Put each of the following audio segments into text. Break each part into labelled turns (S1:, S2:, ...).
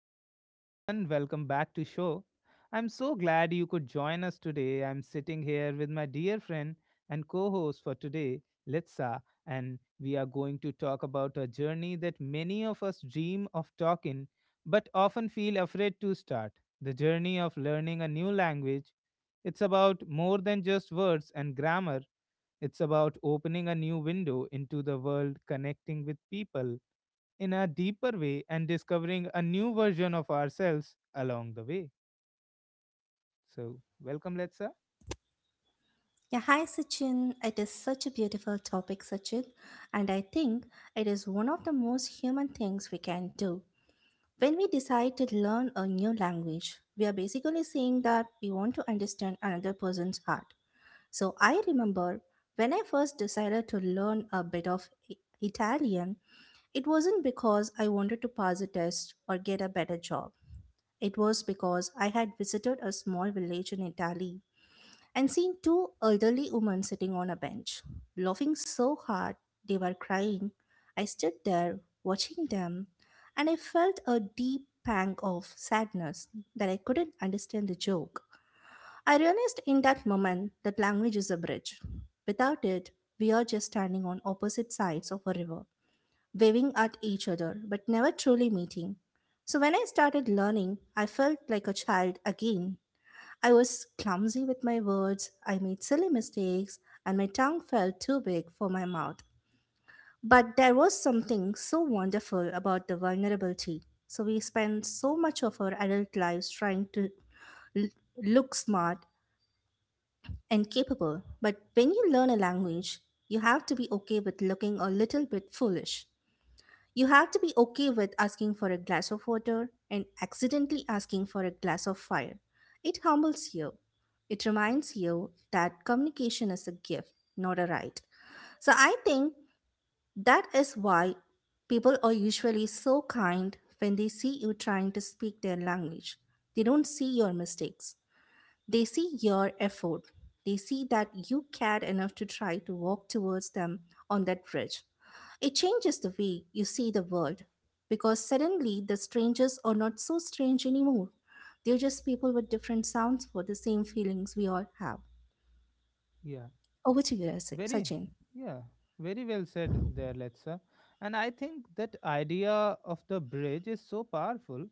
S1: Hello everyone, welcome back to show. I'm so glad you could join us today. I'm sitting here with my dear friend and co-host for today, Litsa, and we are going to talk about a journey that many of us dream of talking but often feel afraid to start. The journey of learning a new language. It's about more than just words and grammar. It's about opening a new window into the world, connecting with people in a deeper way and discovering a new version of ourselves along the way. So, welcome, Letsa.
S2: Yeah, hi Sachin. It is such a beautiful topic, Sachin, and I think it is one of the most human things we can do. When we decide to learn a new language, we are basically saying that we want to understand another person's heart. So I remember when I first decided to learn a bit of Italian, it wasn't because I wanted to pass a test or get a better job. It was because I had visited a small village in Italy and seen two elderly women sitting on a bench, laughing so hard they were crying. I stood there watching them, and I felt a deep pang of sadness that I couldn't understand the joke. I realized in that moment that language is a bridge. Without it, we are just standing on opposite sides of a river, waving at each other but never truly meeting. So when I started learning, I felt like a child again. I was clumsy with my words, I made silly mistakes, and my tongue felt too big for my mouth. But there was something so wonderful about the vulnerability. So we spend so much of our adult lives trying to l- look smart and capable. But when you learn a language, you have to be okay with looking a little bit foolish. You have to be okay with asking for a glass of water and accidentally asking for a glass of fire. It humbles you. It reminds you that communication is a gift, not a right. So I think that is why people are usually so kind when they see you trying to speak their language. They don't see your mistakes. They see your effort. They see that you cared enough to try to walk towards them on that bridge. It changes the way you see the world because suddenly the strangers are not so strange anymore. They're just people with different sounds for the same feelings we all have.
S1: Yeah,
S2: Over to you,
S1: very,
S2: Sachin.
S1: yeah, very well said there, Letsa. And I think that idea of the bridge is so powerful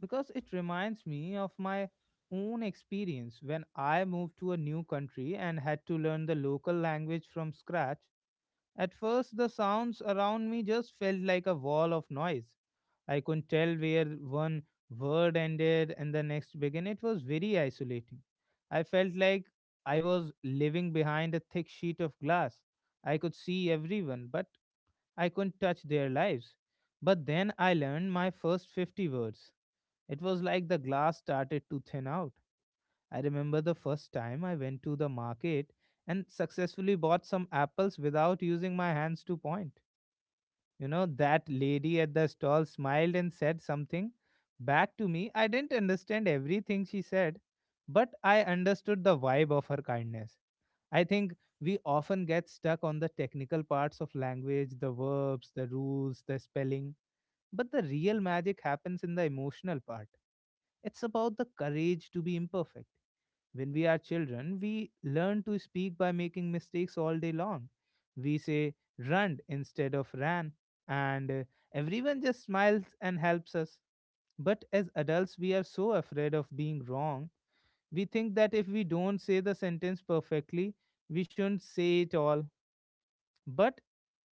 S1: because it reminds me of my own experience when I moved to a new country and had to learn the local language from scratch. At first, the sounds around me just felt like a wall of noise. I couldn't tell where one word ended and the next began. It was very isolating. I felt like I was living behind a thick sheet of glass. I could see everyone, but I couldn't touch their lives. But then I learned my first 50 words. It was like the glass started to thin out. I remember the first time I went to the market and successfully bought some apples without using my hands to point. You know, that lady at the stall smiled and said something back to me. I didn't understand everything she said, but I understood the vibe of her kindness. I think we often get stuck on the technical parts of language, the verbs, the rules, the spelling, but the real magic happens in the emotional part. It's about the courage to be imperfect. When we are children, we learn to speak by making mistakes all day long. We say run instead of ran, and everyone just smiles and helps us. But as adults, we are so afraid of being wrong. We think that if we don't say the sentence perfectly, we shouldn't say it all. But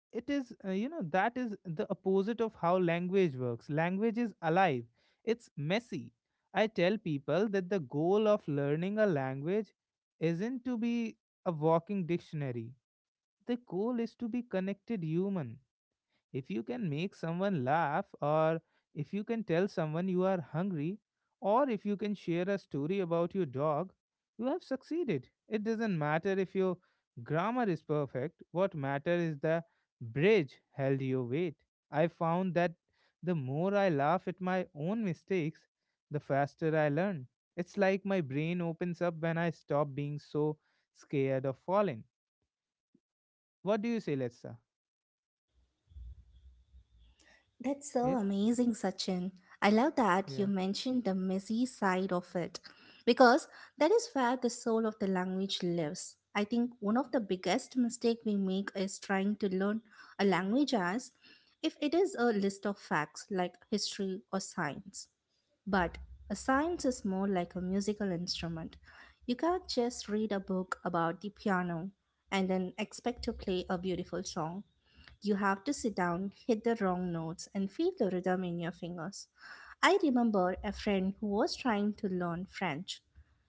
S1: it is that is the opposite of how language works. Language is alive, it's messy. I tell people that the goal of learning a language isn't to be a walking dictionary. The goal is to be connected human. If you can make someone laugh, or if you can tell someone you are hungry, or if you can share a story about your dog, you have succeeded. It doesn't matter if your grammar is perfect, what matters is the bridge held your weight. I found that the more I laugh at my own mistakes, the faster I learn. It's like my brain opens up when I stop being so scared of falling. What do you say, Letsa?
S2: That's so
S1: Yeah,
S2: amazing, Sachin. I love that you
S1: yeah,
S2: mentioned the messy side of it because that is where the soul of the language lives. I think one of the biggest mistake we make is trying to learn a language as if it is a list of facts like history or science. But a science is more like a musical instrument. You can't just read a book about the piano and then expect to play a beautiful song. You have to sit down, hit the wrong notes, and feel the rhythm in your fingers. I remember a friend who was trying to learn French.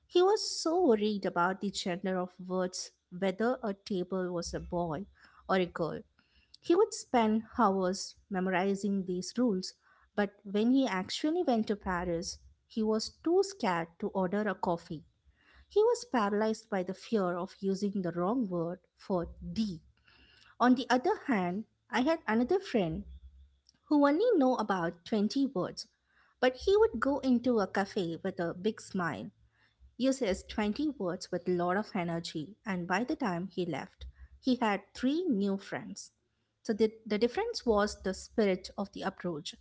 S2: He was so worried about the gender of words, whether a table was a boy or a girl. He would spend hours memorizing these rules, but when he actually went to Paris, he was too scared to order a coffee. He was paralyzed by the fear of using the wrong word for D. On the other hand, I had another friend who only knew about 20 words, but he would go into a cafe with a big smile, use his 20 words with a lot of energy, and by the time he left, he had three new friends. So the difference was the spirit of the approach.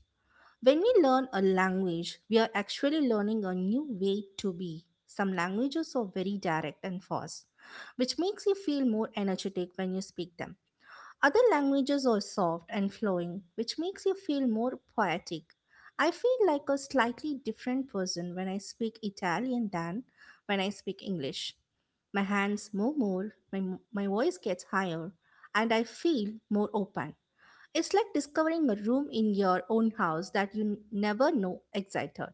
S2: When we learn a language, we are actually learning a new way to be. Some languages are very direct and fast, which makes you feel more energetic when you speak them. Other languages are soft and flowing, which makes you feel more poetic. I feel like a slightly different person when I speak Italian than when I speak English. My hands move more, my voice gets higher, and I feel more open. It's like discovering a room in your own house that you never know existed.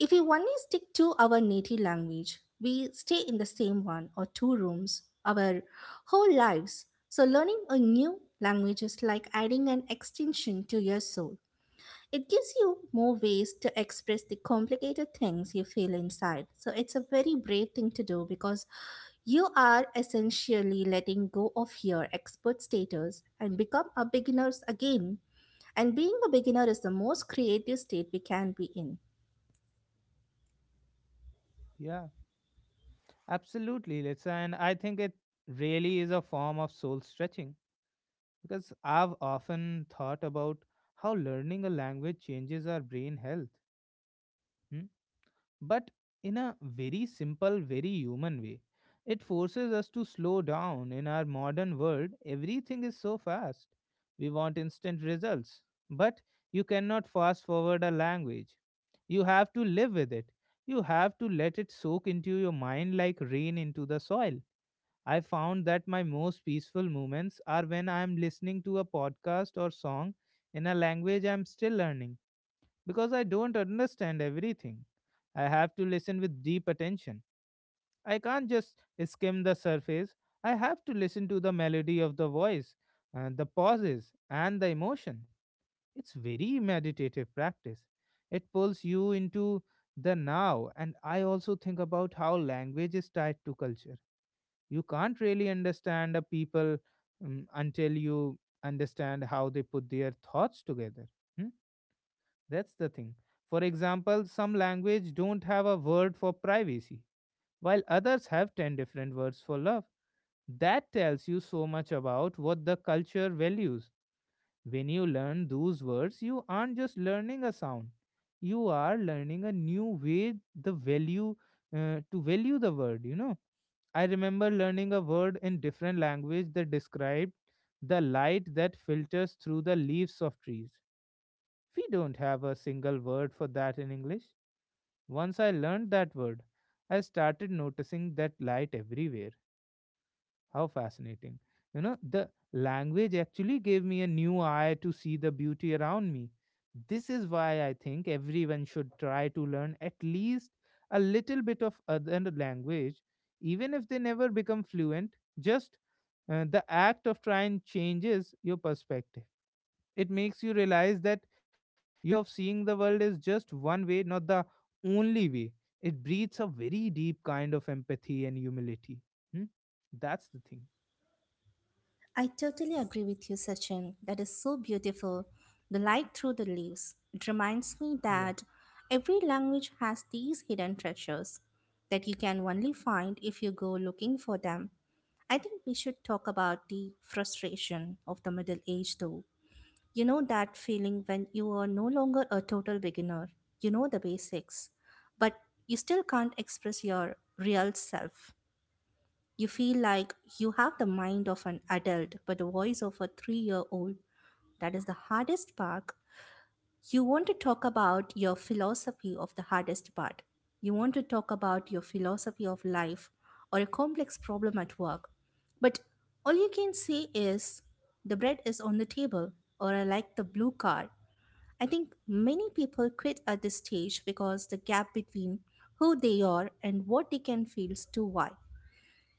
S2: If we only stick to our native language, we stay in the same one or two rooms our whole lives. So, learning a new language is like adding an extension to your soul. It gives you more ways to express the complicated things you feel inside. So, it's a very brave thing to do because you are essentially letting go of your expert status and become a beginner again. And being a beginner is the most creative state we can be in.
S1: yeah. Absolutely, Litsa. And I think it really is a form of soul stretching because I've often thought about how learning a language changes our brain health, hmm? But in a very simple, very human way. It forces us to slow down. In our modern world, everything is so fast. We want instant results, but you cannot fast forward a language. You have to live with it. You have to let it soak into your mind like rain into the soil. I found that my most peaceful moments are when I am listening to a podcast or song in a language I am still learning, because I don't understand everything. I have to listen with deep attention. I can't just skim the surface. I have to listen to the melody of the voice, the pauses, and the emotion. It's very meditative practice. It pulls you into the now, and I also think about how language is tied to culture. You can't really understand a people until you understand how they put their thoughts together. Hmm? That's the thing. For example, some language don't have a word for privacy while others have 10 different words for love. That tells you so much about what the culture values. When you learn those words you aren't just learning a sound, you are learning a new way, the value, to value the word, you know. I remember learning a word in different language that described the light that filters through the leaves of trees. We don't have a single word for that in English. Once I learned that word, I started noticing that light everywhere. How fascinating. You know, the language actually gave me a new eye to see the beauty around me. This is why I think everyone should try to learn at least a little bit of other language, even if they never become fluent. Just the act of trying changes your perspective. It makes you realize that your way of seeing the world is just one way, not the only way. It breeds a very deep kind of empathy and humility. Hmm? That's the thing.
S2: I totally agree with you, Sachin. That is so beautiful. The light through the leaves. It reminds me
S1: Yeah,
S2: that every language has these hidden treasures that you can only find if you go looking for them. I think we should talk about the frustration of the middle age, though. You know that feeling when you are no longer a total beginner, you know the basics, but you still can't express your real self. You feel like you have the mind of an adult, but the voice of a 3 year old. That is the hardest part. You want to talk about your philosophy of the hardest part. You want to talk about your philosophy of life or a complex problem at work. But all you can say is, the bread is on the table, or I like the blue car. I think many people quit at this stage because the gap between who they are and what they can feel is too wide.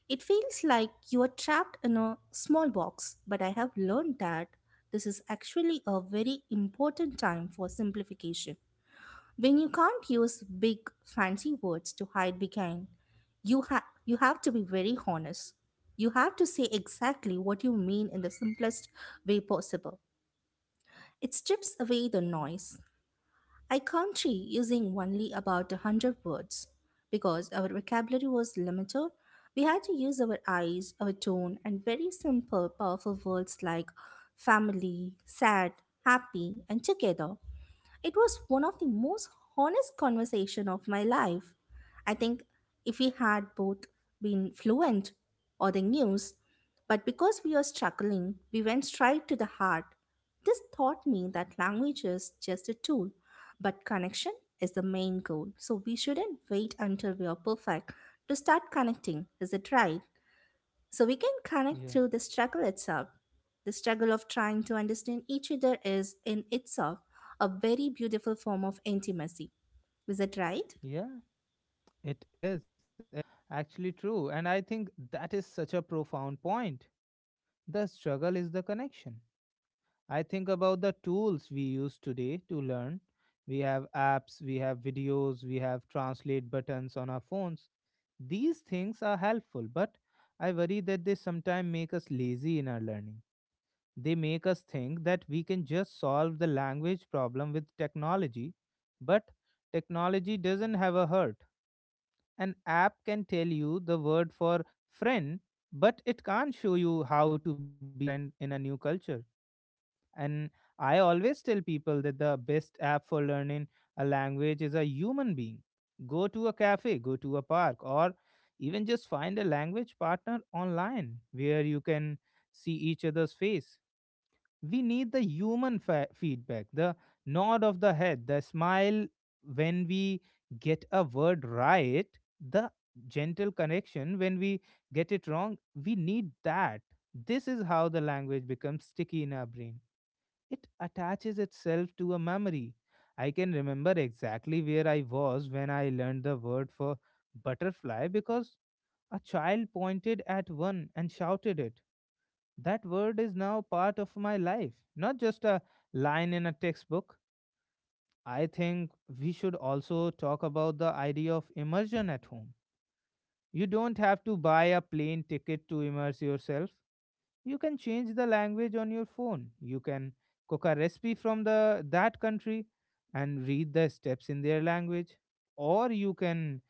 S2: It feels like you are trapped in a small box, but I have learned that this is actually a very important time for simplification. When you can't use big fancy words to hide behind, you have to be very honest. You have to say exactly what you mean in the simplest way possible. It strips away the noise. I can using only about a 100 words because our vocabulary was limited. We had to use our eyes, our tone, and very simple, powerful words like family, sad, happy, and together. It was one of the most honest conversation of my life. I think if we had both been fluent or the news, but because we were struggling, we went straight to the heart. This taught me that language is just a tool, but connection is the main goal. So we shouldn't wait until we are perfect to start connecting. Is it right? So we can connect
S1: yeah,
S2: through the struggle itself. The struggle of trying to understand each other is, in itself, a very beautiful form of intimacy. Is it right?
S1: yeah. It is. It is actually true. And I think that is such a profound point. The struggle is the connection. I think about the tools we use today to learn. We have apps, we have videos, we have translate buttons on our phones. These things are helpful, but I worry that they sometimes make us lazy in our learning. They make us think that we can just solve the language problem with technology, but technology doesn't have a heart. An app can tell you the word for friend, but it can't show you how to be a friend in a new culture. And I always tell people that the best app for learning a language is a human being. Go to a cafe, go to a park, or even just find a language partner online where you can see each other's face. We need the human feedback, the nod of the head, the smile when we get a word right, the gentle correction when we get it wrong. We need that. This is how the language becomes sticky in our brain, it attaches itself to a memory. I can remember exactly where I was when I learned the word for butterfly because a child pointed at one and shouted it. That word is now part of my life, not just a line in a textbook. I think we should also talk about the idea of immersion at home. You don't have to buy a plane ticket to immerse yourself. You can change the language on your phone. You can cook a recipe from the that country and read the steps in their language. Or you can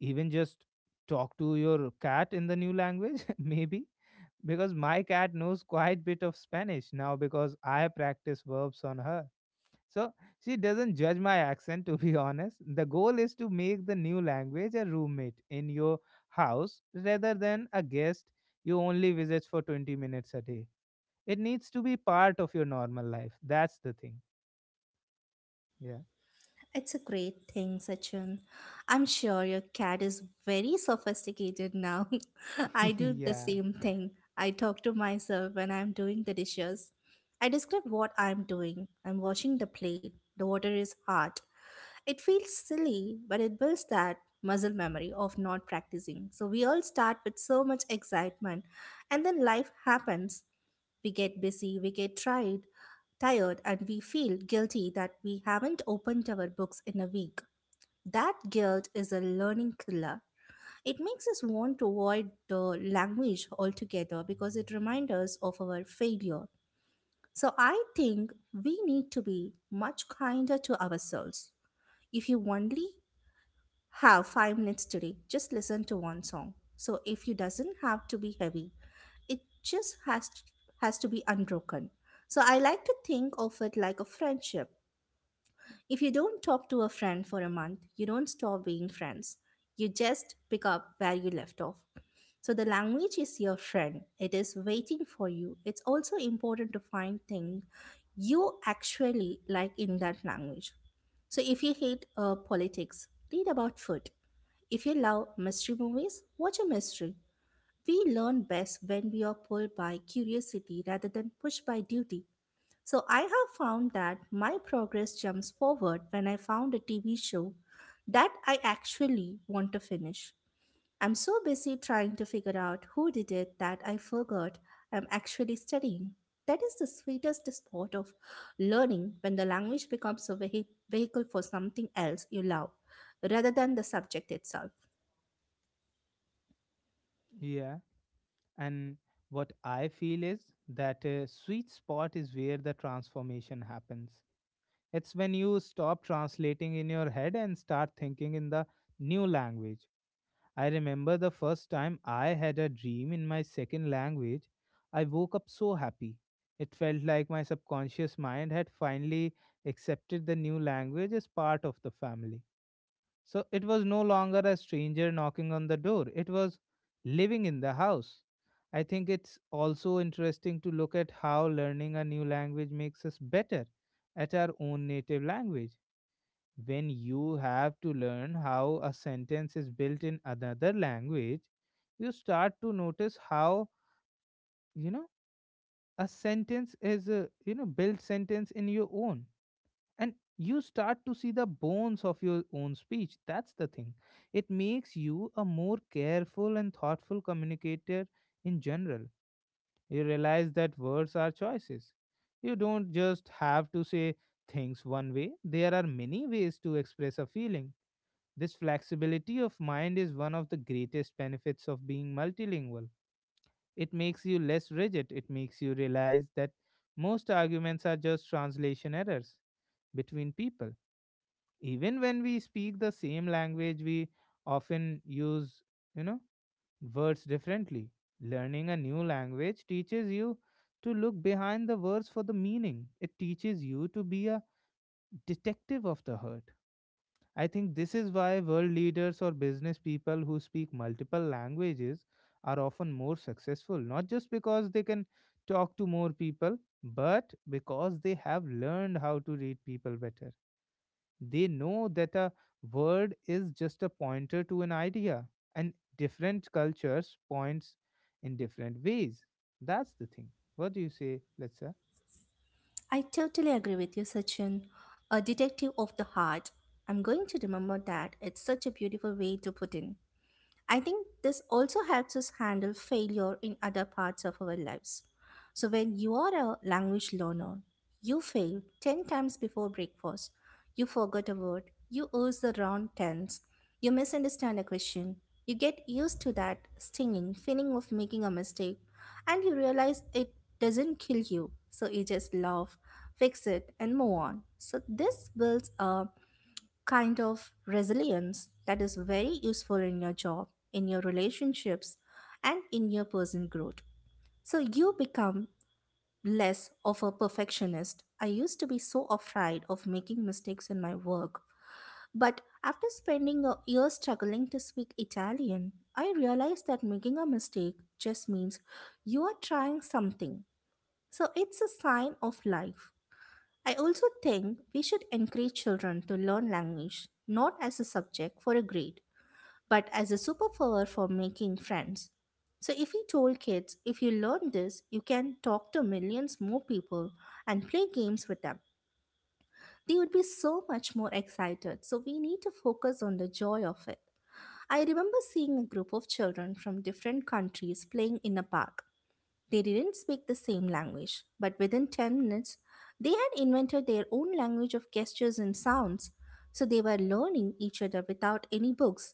S1: even just talk to your cat in the new language, maybe because my cat knows quite bit of Spanish now because I practice verbs on her. So she doesn't judge my accent to be honest. The goal is to make the new language a roommate in your house rather than a guest you only visit for 20 minutes a day. It needs to be part of your normal life. That's the thing. Yeah.
S2: It's a great thing, Sachin. I'm sure your cat is very sophisticated now. I do the
S1: Yeah.
S2: same thing. I talk to myself when I'm doing the dishes. I describe what I'm doing. I'm washing the plate. The water is hot. It feels silly, but it builds that muscle memory of not practicing. So we all start with so much excitement, and then life happens. We get busy, we get tired, and we feel guilty that we haven't opened our books in a week. That guilt is a learning killer. It makes us want to avoid the language altogether because it reminds us of our failure. So I think we need to be much kinder to ourselves. If you only have 5 minutes today, just listen to one song. So if you doesn't have to be heavy, it just has to be unbroken. So I like to think of it like a friendship. If you don't talk to a friend for a month, you don't stop being friends. You just pick up where you left off. So the language is your friend, it is waiting for you. It's also important to find things you actually like in that language. So if you hate politics, read about food. If you love mystery movies, watch a mystery. We learn best when we are pulled by curiosity rather than pushed by duty. So I have found that my progress jumps forward when I found a TV show that I actually want to finish. I'm so busy trying to figure out who did it that I forgot I'm actually studying. That is the sweetest spot of learning, when the language becomes a vehicle for something else you love rather than the subject itself.
S1: Yeah. And what I feel is that a sweet spot is where the transformation happens. It's when you stop translating in your head and start thinking in the new language. I remember the first time I had a dream in my second language. I woke up so happy. It felt like my subconscious mind had finally accepted the new language as part of the family. So it was no longer a stranger knocking on the door, it was living in the house. I think it's also interesting to look at how learning a new language makes us better at our own native language. When you have to learn how a sentence is built in another language, you start to notice how, you know, a sentence is a, you know, built sentence in your own, and you start to see the bones of your own speech. That's the thing. It makes you a more careful and thoughtful communicator in general. You realize that words are choices, you don't just have to say things one way, there are many ways to express a feeling. This flexibility of mind is one of the greatest benefits of being multilingual. It makes you less rigid, it makes you realize that most arguments are just translation errors between people. Even when we speak the same language, we often use, you know, words differently. Learning a new language teaches you to look behind the words for the meaning. It teaches you to be a detective of the hurt. I think this is why world leaders or business people who speak multiple languages are often more successful, not just because they can talk to more people, but because they have learned how to read people better. They know that a word is just a pointer to an idea, and different cultures points in different ways. That's the thing. What do you say, Letsa?
S2: I totally agree with you, Sachin. A detective of the heart. I'm going to remember that. It's such a beautiful way to put in. I think this also helps us handle failure in other parts of our lives. So, when you are a language learner, you fail 10 times before breakfast, you forgot a word, you use the wrong tense, you misunderstand a question, you get used to that stinging feeling of making a mistake, and you realize it doesn't kill you. So, you just laugh, fix it, and move on. So, this builds a kind of resilience that is very useful in your job, in your relationships, and in your personal growth. So you become less of a perfectionist. I used to be so afraid of making mistakes in my work, but after spending a year struggling to speak Italian, I realized that making a mistake just means you are trying something. So it's a sign of life. I also think we should encourage children to learn language not as a subject for a grade, but as a superpower for making friends. So, if we told kids, if you learn this, you can talk to millions more people and play games with them, they would be so much more excited. So, we need to focus on the joy of it. I remember seeing a group of children from different countries playing in a park. They didn't speak the same language, but within 10 minutes, they had invented their own language of gestures and sounds, so they were learning each other without any books.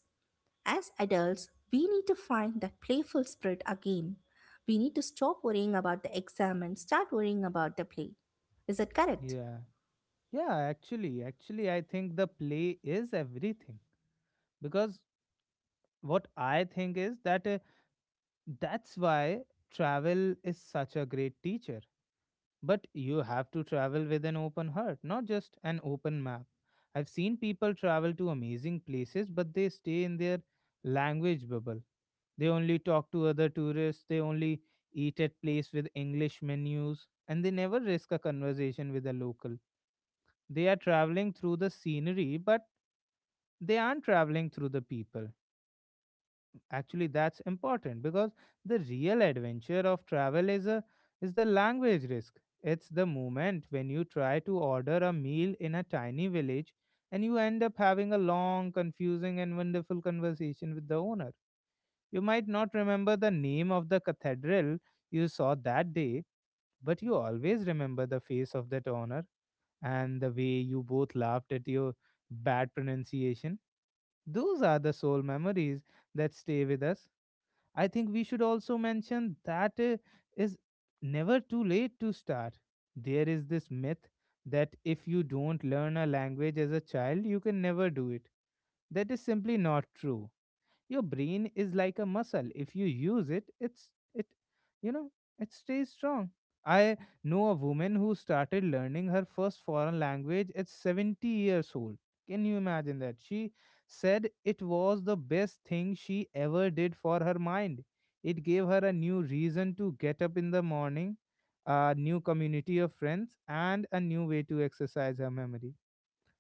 S2: As adults, we need to find that playful spirit again. We need to stop worrying about the exam and start worrying about the play. Is that correct?
S1: Yeah. Yeah, actually, I think the play is everything because what I think is that that's why travel is such a great teacher. But you have to travel with an open heart, not just an open map. I've seen people travel to amazing places, but they stay in their language bubble. They only talk to other tourists, they only eat at place with English menus, and they never risk a conversation with a local. They are traveling through the scenery, but they aren't traveling through the people. Actually, that's important because the real adventure of travel is is the language risk. It's the moment when you try to order a meal in a tiny village and you end up having a long, confusing, and wonderful conversation with the owner. You might not remember the name of the cathedral you saw that day, but you always remember the face of that owner and the way you both laughed at your bad pronunciation. Those are the soul memories that stay with us. I think we should also mention that is never too late to start. There is this myth that if you don't learn a language as a child, you can never do it. That is simply not true. Your brain is like a muscle. If you use it, it you know, it stays strong. I know a woman who started learning her first foreign language at 70 years old. Can you imagine that? She said it was the best thing she ever did for her mind. It gave her a new reason to get up in the morning, a new community of friends, and a new way to exercise her memory.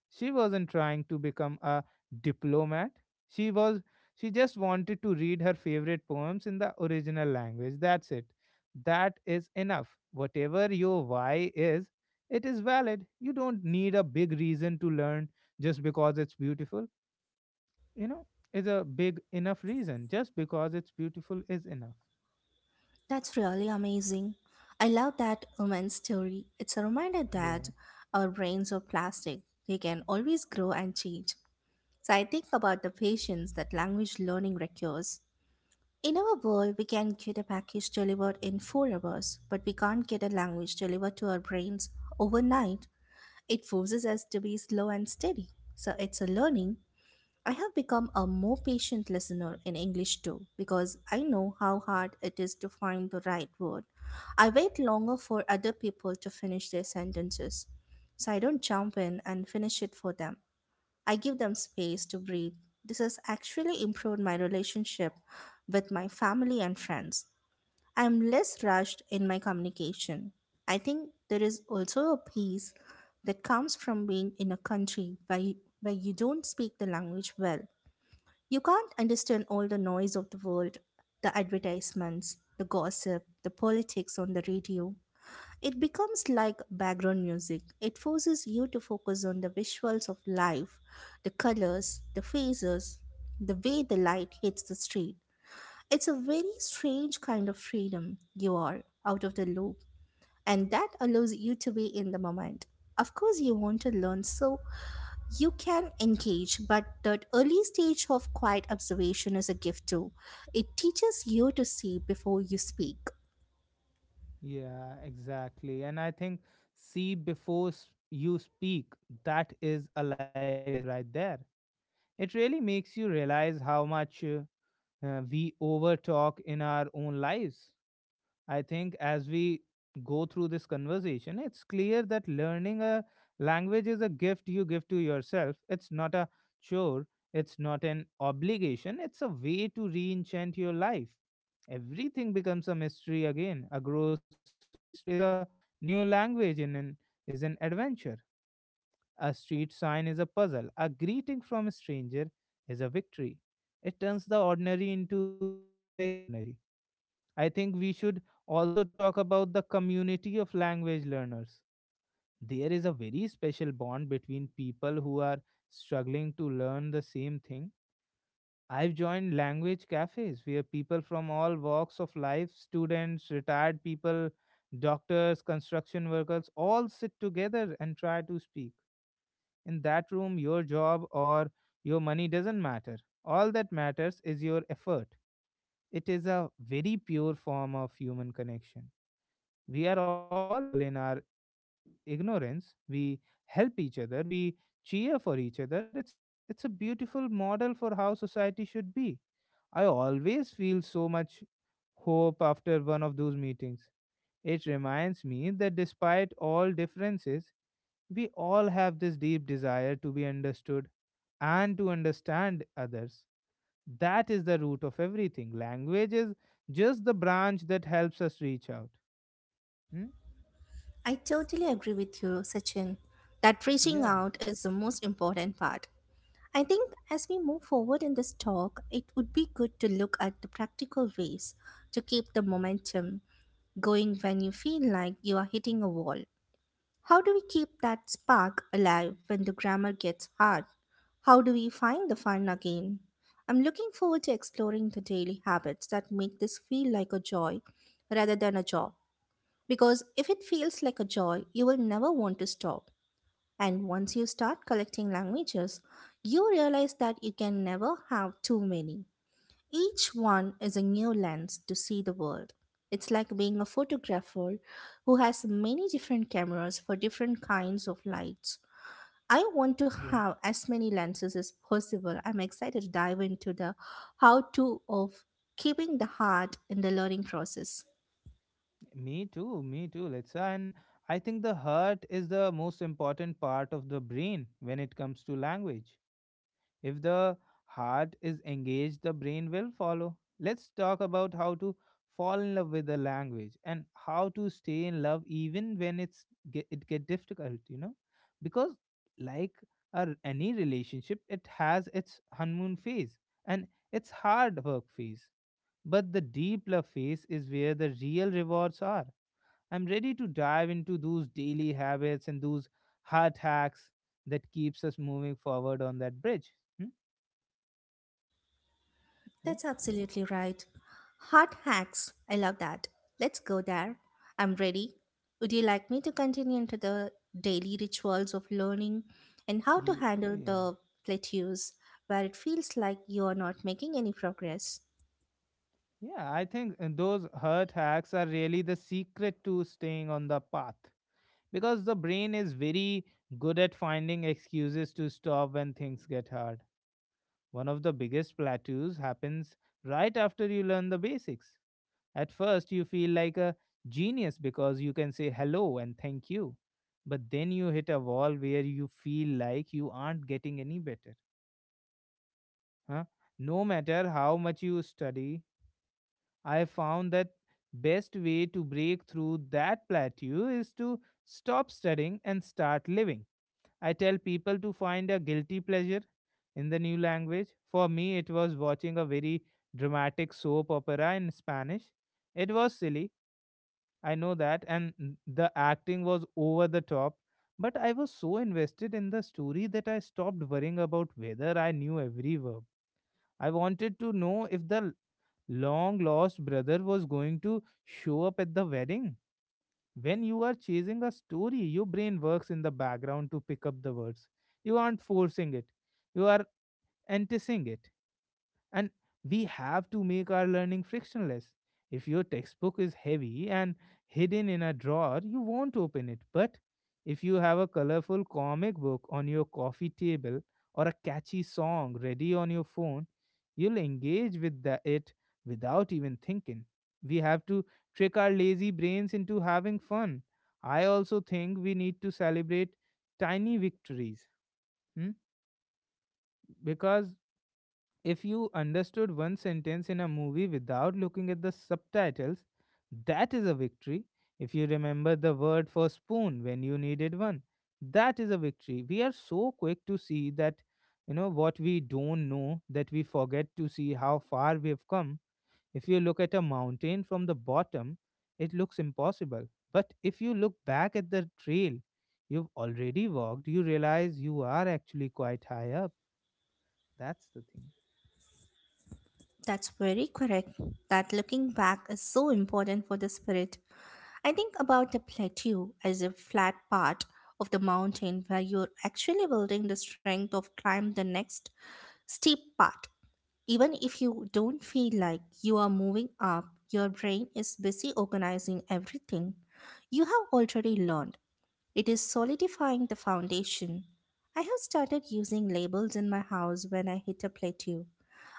S1: She wasn't trying to become a diplomat. She was she just wanted to read her favorite poems in the original language. That's it. That is enough. Whatever your why is, it is valid. You don't need a big reason to learn just because it's beautiful. You know, is a big enough reason. Just because it's beautiful is enough.
S2: That's really amazing. I love that woman's story. It's a reminder that
S1: Yeah.
S2: our brains are plastic, they can always grow and change. So I think about the patience that language learning requires. In our world, we can get a package delivered in 4 hours, but we can't get a language delivered to our brains overnight. It forces us to be slow and steady. So it's a learning. I have become a more patient listener in English too because I know how hard it is to find the right word. I wait longer for other people to finish their sentences so I don't jump in and finish it for them. I give them space to breathe. This has actually improved my relationship with my family and friends. I am less rushed in my communication. I think there is also a peace that comes from being in a country where you don't speak the language well. You can't understand all the noise of the world, the advertisements, the gossip, the politics on the radio. It becomes like background music. It forces you to focus on the visuals of life, the colors, the faces, the way the light hits the street. It's a very strange kind of freedom. You are out of the loop, and that allows you to be in the moment. Of course, you want to learn so you can engage, but that early stage of quiet observation is a gift too. It teaches you to see before you speak.
S1: Yeah, exactly. And I think see before you speak. That is a life lesson right there. It really makes you realize how much we overtalk in our own lives. I think as we go through this conversation, it's clear that learning a language is a gift you give to yourself. It's not a chore, it's not an obligation, it's a way to re enchant your life. Everything becomes a mystery again. A grocery store is a new language and is an adventure. A street sign is a puzzle. A greeting from a stranger is a victory. It turns the ordinary into the extraordinary. I think we should also talk about the community of language learners. There is a very special bond between people who are struggling to learn the same thing. I've joined language cafes where people from all walks of life, students, retired people, doctors, construction workers, all sit together and try to speak. In that room, your job or your money doesn't matter. All that matters is your effort. It is a very pure form of human connection. We are all equal in our ignorance. We help each other. We cheer for each other. It's a beautiful model for how society should be. I always feel so much hope after one of those meetings. It reminds me that despite all differences, we all have this deep desire to be understood and to understand others. That is the root of everything. Language is just the branch that helps us reach out. Hmm?
S2: I totally agree with you, Sachin, that reaching
S1: Yeah,
S2: out is the most important part. I think as we move forward in this talk, it would be good to look at the practical ways to keep the momentum going when you feel like you are hitting a wall. How do we keep that spark alive when the grammar gets hard? How do we find the fun again? I'm looking forward to exploring the daily habits that make this feel like a joy rather than a job. Because if it feels like a joy, you will never want to stop. And once you start collecting languages, you realize that you can never have too many. Each one is a new lens to see the world. It's like being a photographer who has many different cameras for different kinds of lights. I want to
S1: yeah.
S2: have as many lenses as possible. I'm excited to dive into the how to of keeping the heart in the learning process.
S1: Me too, Letsa. And I think the heart is the most important part of the brain when it comes to language. If the heart is engaged, the brain will follow. Let's talk about how to fall in love with the language and how to stay in love even when it get difficult, you know, because like any relationship, it has its honeymoon phase and its hard work phase. But the deep love phase is where the real rewards are. I'm ready to dive into those daily habits and those heart hacks that keeps us moving forward on that bridge. Hmm? Yeah.
S2: That's absolutely right. Hot hacks. I love that. Let's go there. I'm ready. Would you like me to continue into the daily rituals of learning and how to
S1: Ye-
S2: handle
S1: Yeah.
S2: the plateaus where it feels like you are not making any progress?
S1: Yeah, I think those hurt hacks are really the secret to staying on the path because the brain is very good at finding excuses to stop when things get hard. One of the biggest plateaus happens right after you learn the basics. At first, you feel like a genius because you can say hello and thank you. But then you hit a wall where you feel like you aren't getting any better. Huh? No matter how much you study, I found that best way to break through that plateau is to stop studying and start living. I tell people to find a guilty pleasure in the new language. For me, it was watching a very dramatic soap opera in Spanish. It was silly, I know that, and the acting was over the top. But I was so invested in the story that I stopped worrying about whether I knew every verb. I wanted to know if the long lost brother was going to show up at the wedding. When you are chasing a story, your brain works in the background to pick up the words. You aren't forcing it, you are anticipating it, and we have to make our learning frictionless. If your textbook is heavy and hidden in a drawer, you won't open it. But if you have a colorful comic book on your coffee table or a catchy song ready on your phone, you'll engage with it without even thinking. We have to trick our lazy brains into having fun. I also think we need to celebrate tiny victories. Hmm? Because if you understood one sentence in a movie without looking at the subtitles, that is a victory. If you remember the word for spoon when you needed one, that is a victory. We are so quick to see what we don't know, that we forget to see how far we have come. If you look at a mountain from the bottom, it looks impossible. But if you look back at the trail you've already walked, you realize you are actually quite high up. That's the thing.
S2: That's very correct. That looking back is so important for the spirit. I think about the plateau as a flat part of the mountain where you're actually building the strength of climb the next steep part. Even if you don't feel like you are moving up, your brain is busy organizing everything you have already learned. It is solidifying the foundation. I have started using labels in my house when I hit a plateau.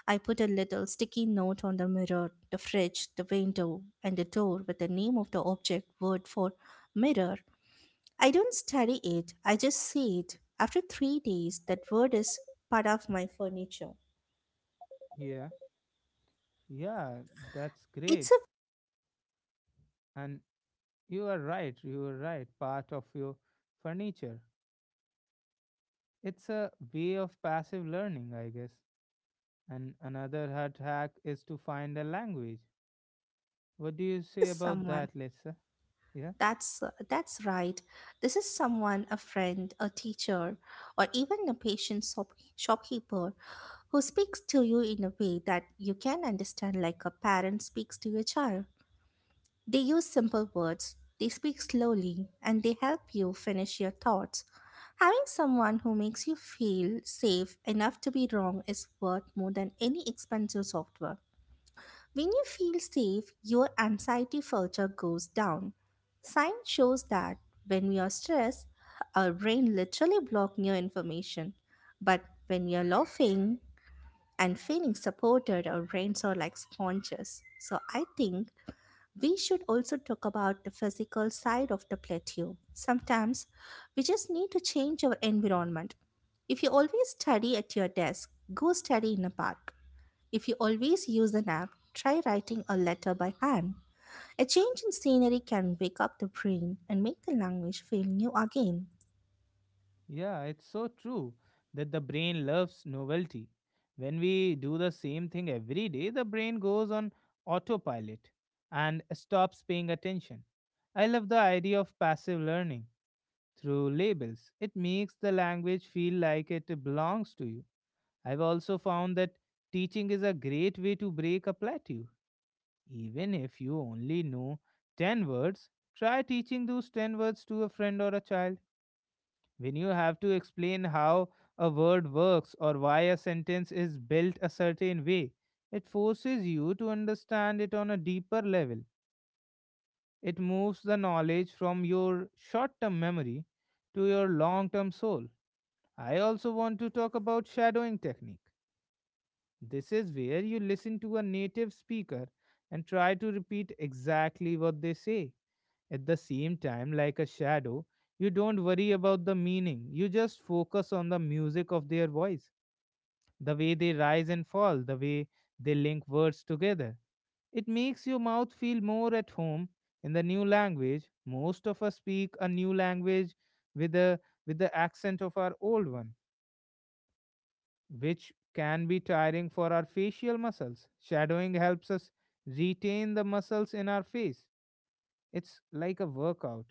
S2: I put a little sticky note on the mirror, the fridge, the window, and the door with the name of the object, word for mirror. I don't study it, I just see it. After 3 days, that word is part of my furniture.
S1: Yeah. Yeah, that's
S2: It's a
S1: great. And you are right. Part of your furniture. It's a way of passive learning, I guess. And another hard hack is to find a language. What do you
S2: This
S1: say
S2: is
S1: about
S2: someone.
S1: that, Lisa? Yeah,
S2: That's that's right. This is someone, a friend, a teacher, or even a patient shopkeeper who speaks to you in a way that you can understand like a parent speaks to your child. They use simple words, they speak slowly, and they help you finish your thoughts. Having someone who makes you feel safe enough to be wrong is worth more than any expensive software. When you feel safe, your anxiety further goes down. Science shows that when we are stressed, our brain literally blocks new information. But when we are laughing and feeling supported, our brains are like sponges. So I think we should also talk about the physical side of the plateau. Sometimes we just need to change our environment. If you always study at your desk, go study in a park. If you always use an app, try writing a letter by hand. A change in scenery can wake up the brain and make the language feel new again.
S1: yeah, it's so true that the brain loves novelty. When we do the same thing every day, the brain goes on autopilot and stops paying attention. I love the idea of passive learning through labels. It makes the language feel like it belongs to you. I've also found that teaching is a great way to break a plateau. Even if you only know 10 words, try teaching those 10 words to a friend or a child. When you have to explain how a word works or why a sentence is built a certain way, it forces you to understand it on a deeper level. It moves the knowledge from your short term memory to your long term soul. I also want to talk about shadowing technique. This is where you listen to a native speaker and try to repeat exactly what they say. At the same time, like a shadow, you don't worry about the meaning, you just focus on the music of their voice, the way they rise and fall, the way they link words together. It makes your mouth feel more at home in the new language. Most of us speak a new language with, with the accent of our old one, which can be tiring for our facial muscles. Shadowing helps us retain the muscles in our face. It's like a workout.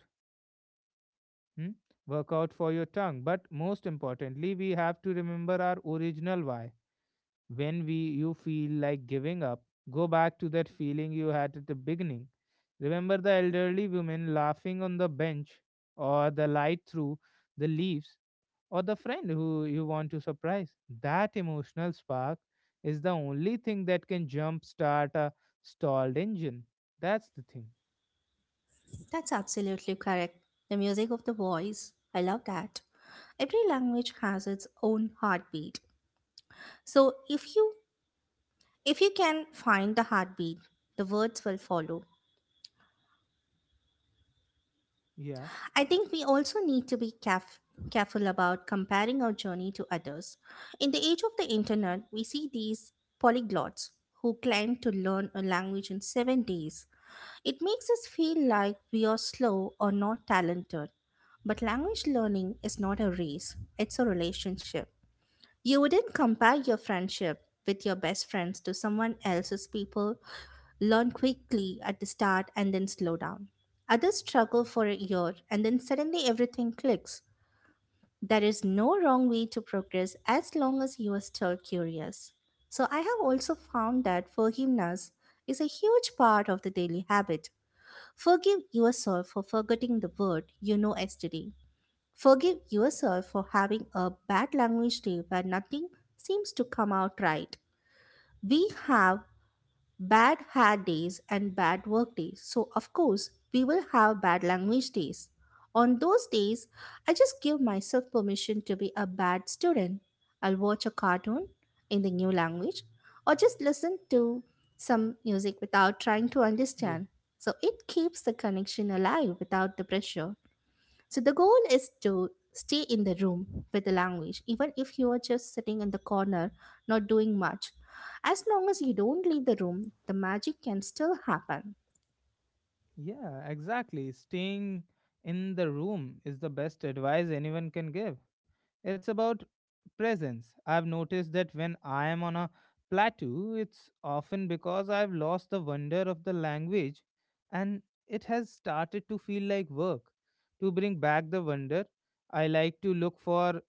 S1: Hmm? Workout for your tongue. But most importantly, we have to remember our original why. When we you feel like giving up, go back to that feeling you had at the beginning. Remember the elderly women laughing on the bench or the light through the leaves or the friend who you want to surprise. That emotional spark is the only thing that can jumpstart a stalled engine. That's the thing.
S2: That's absolutely correct. The music of the voice, I love that. Every language has its own heartbeat. So if you can find the heartbeat, the words will follow.
S1: Yeah,
S2: I think we also need to be careful about comparing our journey to others. In the age of the internet, we see these polyglots who claim to learn a language in 7 days. It makes us feel like we are slow or not talented. But language learning is not a race, it's a relationship. You wouldn't compare your friendship with your best friends to someone else's people learn quickly at the start and then slow down. Others struggle for a year and then suddenly everything clicks. There is no wrong way to progress as long as you are still curious. So, I have also found that forgiveness is a huge part of the daily habit. Forgive yourself for forgetting the word you know yesterday. Forgive yourself for having a bad language day where nothing seems to come out right. We have bad hair days and bad work days. So, of course, we will have bad language days. On those days, I just give myself permission to be a bad student. I'll watch a cartoon in the new language or just listen to some music without trying to
S1: yeah,
S2: understand. So, it keeps the connection alive without the pressure. So the goal is to stay in the room with the language, even if you are just sitting in the corner, not doing much. As long as you don't leave the room, the magic can still happen.
S1: Yeah, exactly. Staying in the room is the best advice anyone can give. It's about presence. I've noticed that when I am on a plateau, it's often because I've lost the wonder of the language and it has started to feel like work. To bring back the wonder, I like to look for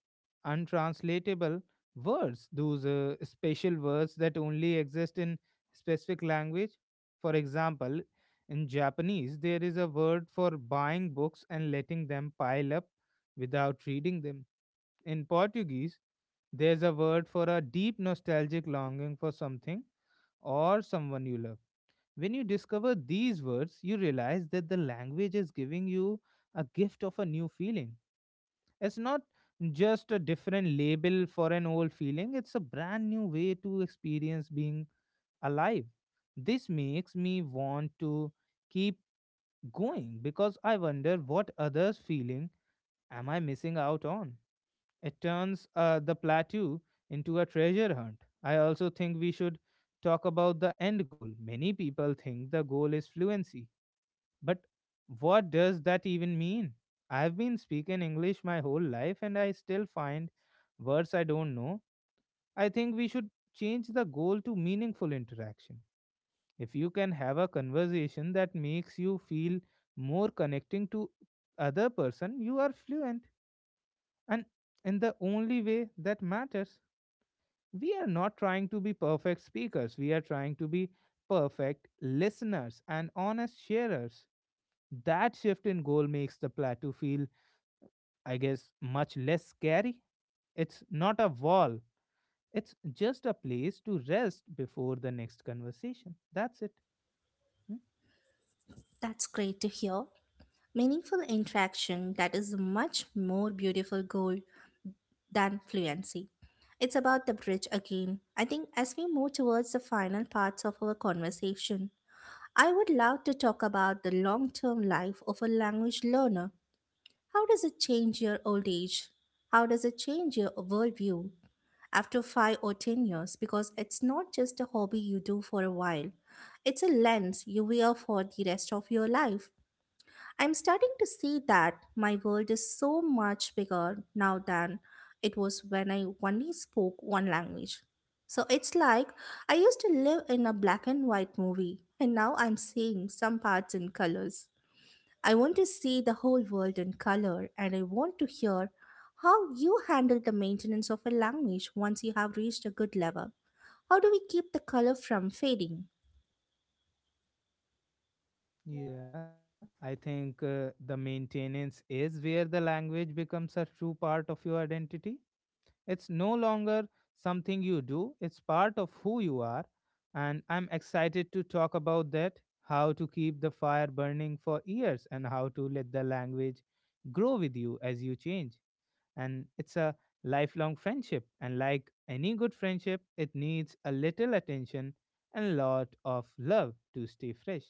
S1: untranslatable words, those special words that only exist in specific language. For example, in Japanese, there is a word for buying books and letting them pile up without reading them. In Portuguese, there's a word for a deep nostalgic longing for something or someone you love. When you discover these words, you realize that the language is giving you a gift of a new feeling. It's not just a different label for an old feeling, it's a brand new way to experience being alive. This makes me want to keep going because I wonder what others' feeling am I missing out on? It turns the plateau into a treasure hunt. I also think we should talk about the end goal. Many people think the goal is fluency, but what does that even mean? I've been speaking English my whole life and I still find words I don't know. I think we should change the goal to meaningful interaction. If you can have a conversation that makes you feel more connecting to other person, you are fluent and in the only way that matters. We are not trying to be perfect speakers, we are trying to be perfect listeners and honest sharers. That shift in goal makes the plateau feel, I guess, much less scary. It's not a wall, it's just a place to rest before the next conversation. That's it. Hmm?
S2: That's great to hear. Meaningful interaction that is a much more beautiful goal than fluency. It's about the bridge again. I think as we move towards the final parts of our conversation, I would love to talk about the long term life of a language learner. How does it change your old age? How does it change your worldview after 5 or 10 years? Because it's not just a hobby you do for a while, it's a lens you wear for the rest of your life. I'm starting to see that my world is so much bigger now than it was when I only spoke one language. So it's like I used to live in a black and white movie, and now I'm seeing some parts in colors. I want to see the whole world in color and I want to hear how you handle the maintenance of a language once you have reached a good level. How do we keep the color from fading?
S1: Yeah, I think the maintenance is where the language becomes a true part of your identity. It's no longer something you do, it's part of who you are. And I'm excited to talk about that, how to keep the fire burning for years and how to let the language grow with you as you change. And it's a lifelong friendship. And like any good friendship, it needs a little attention and a lot of love to stay fresh.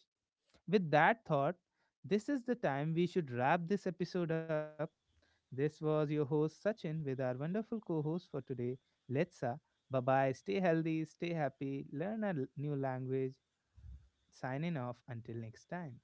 S1: With that thought, this is the time we should wrap this episode up. This was your host Sachin with our wonderful co host for today, Letsa. Bye bye. Stay healthy, stay happy, learn a new language. Signing off until next time.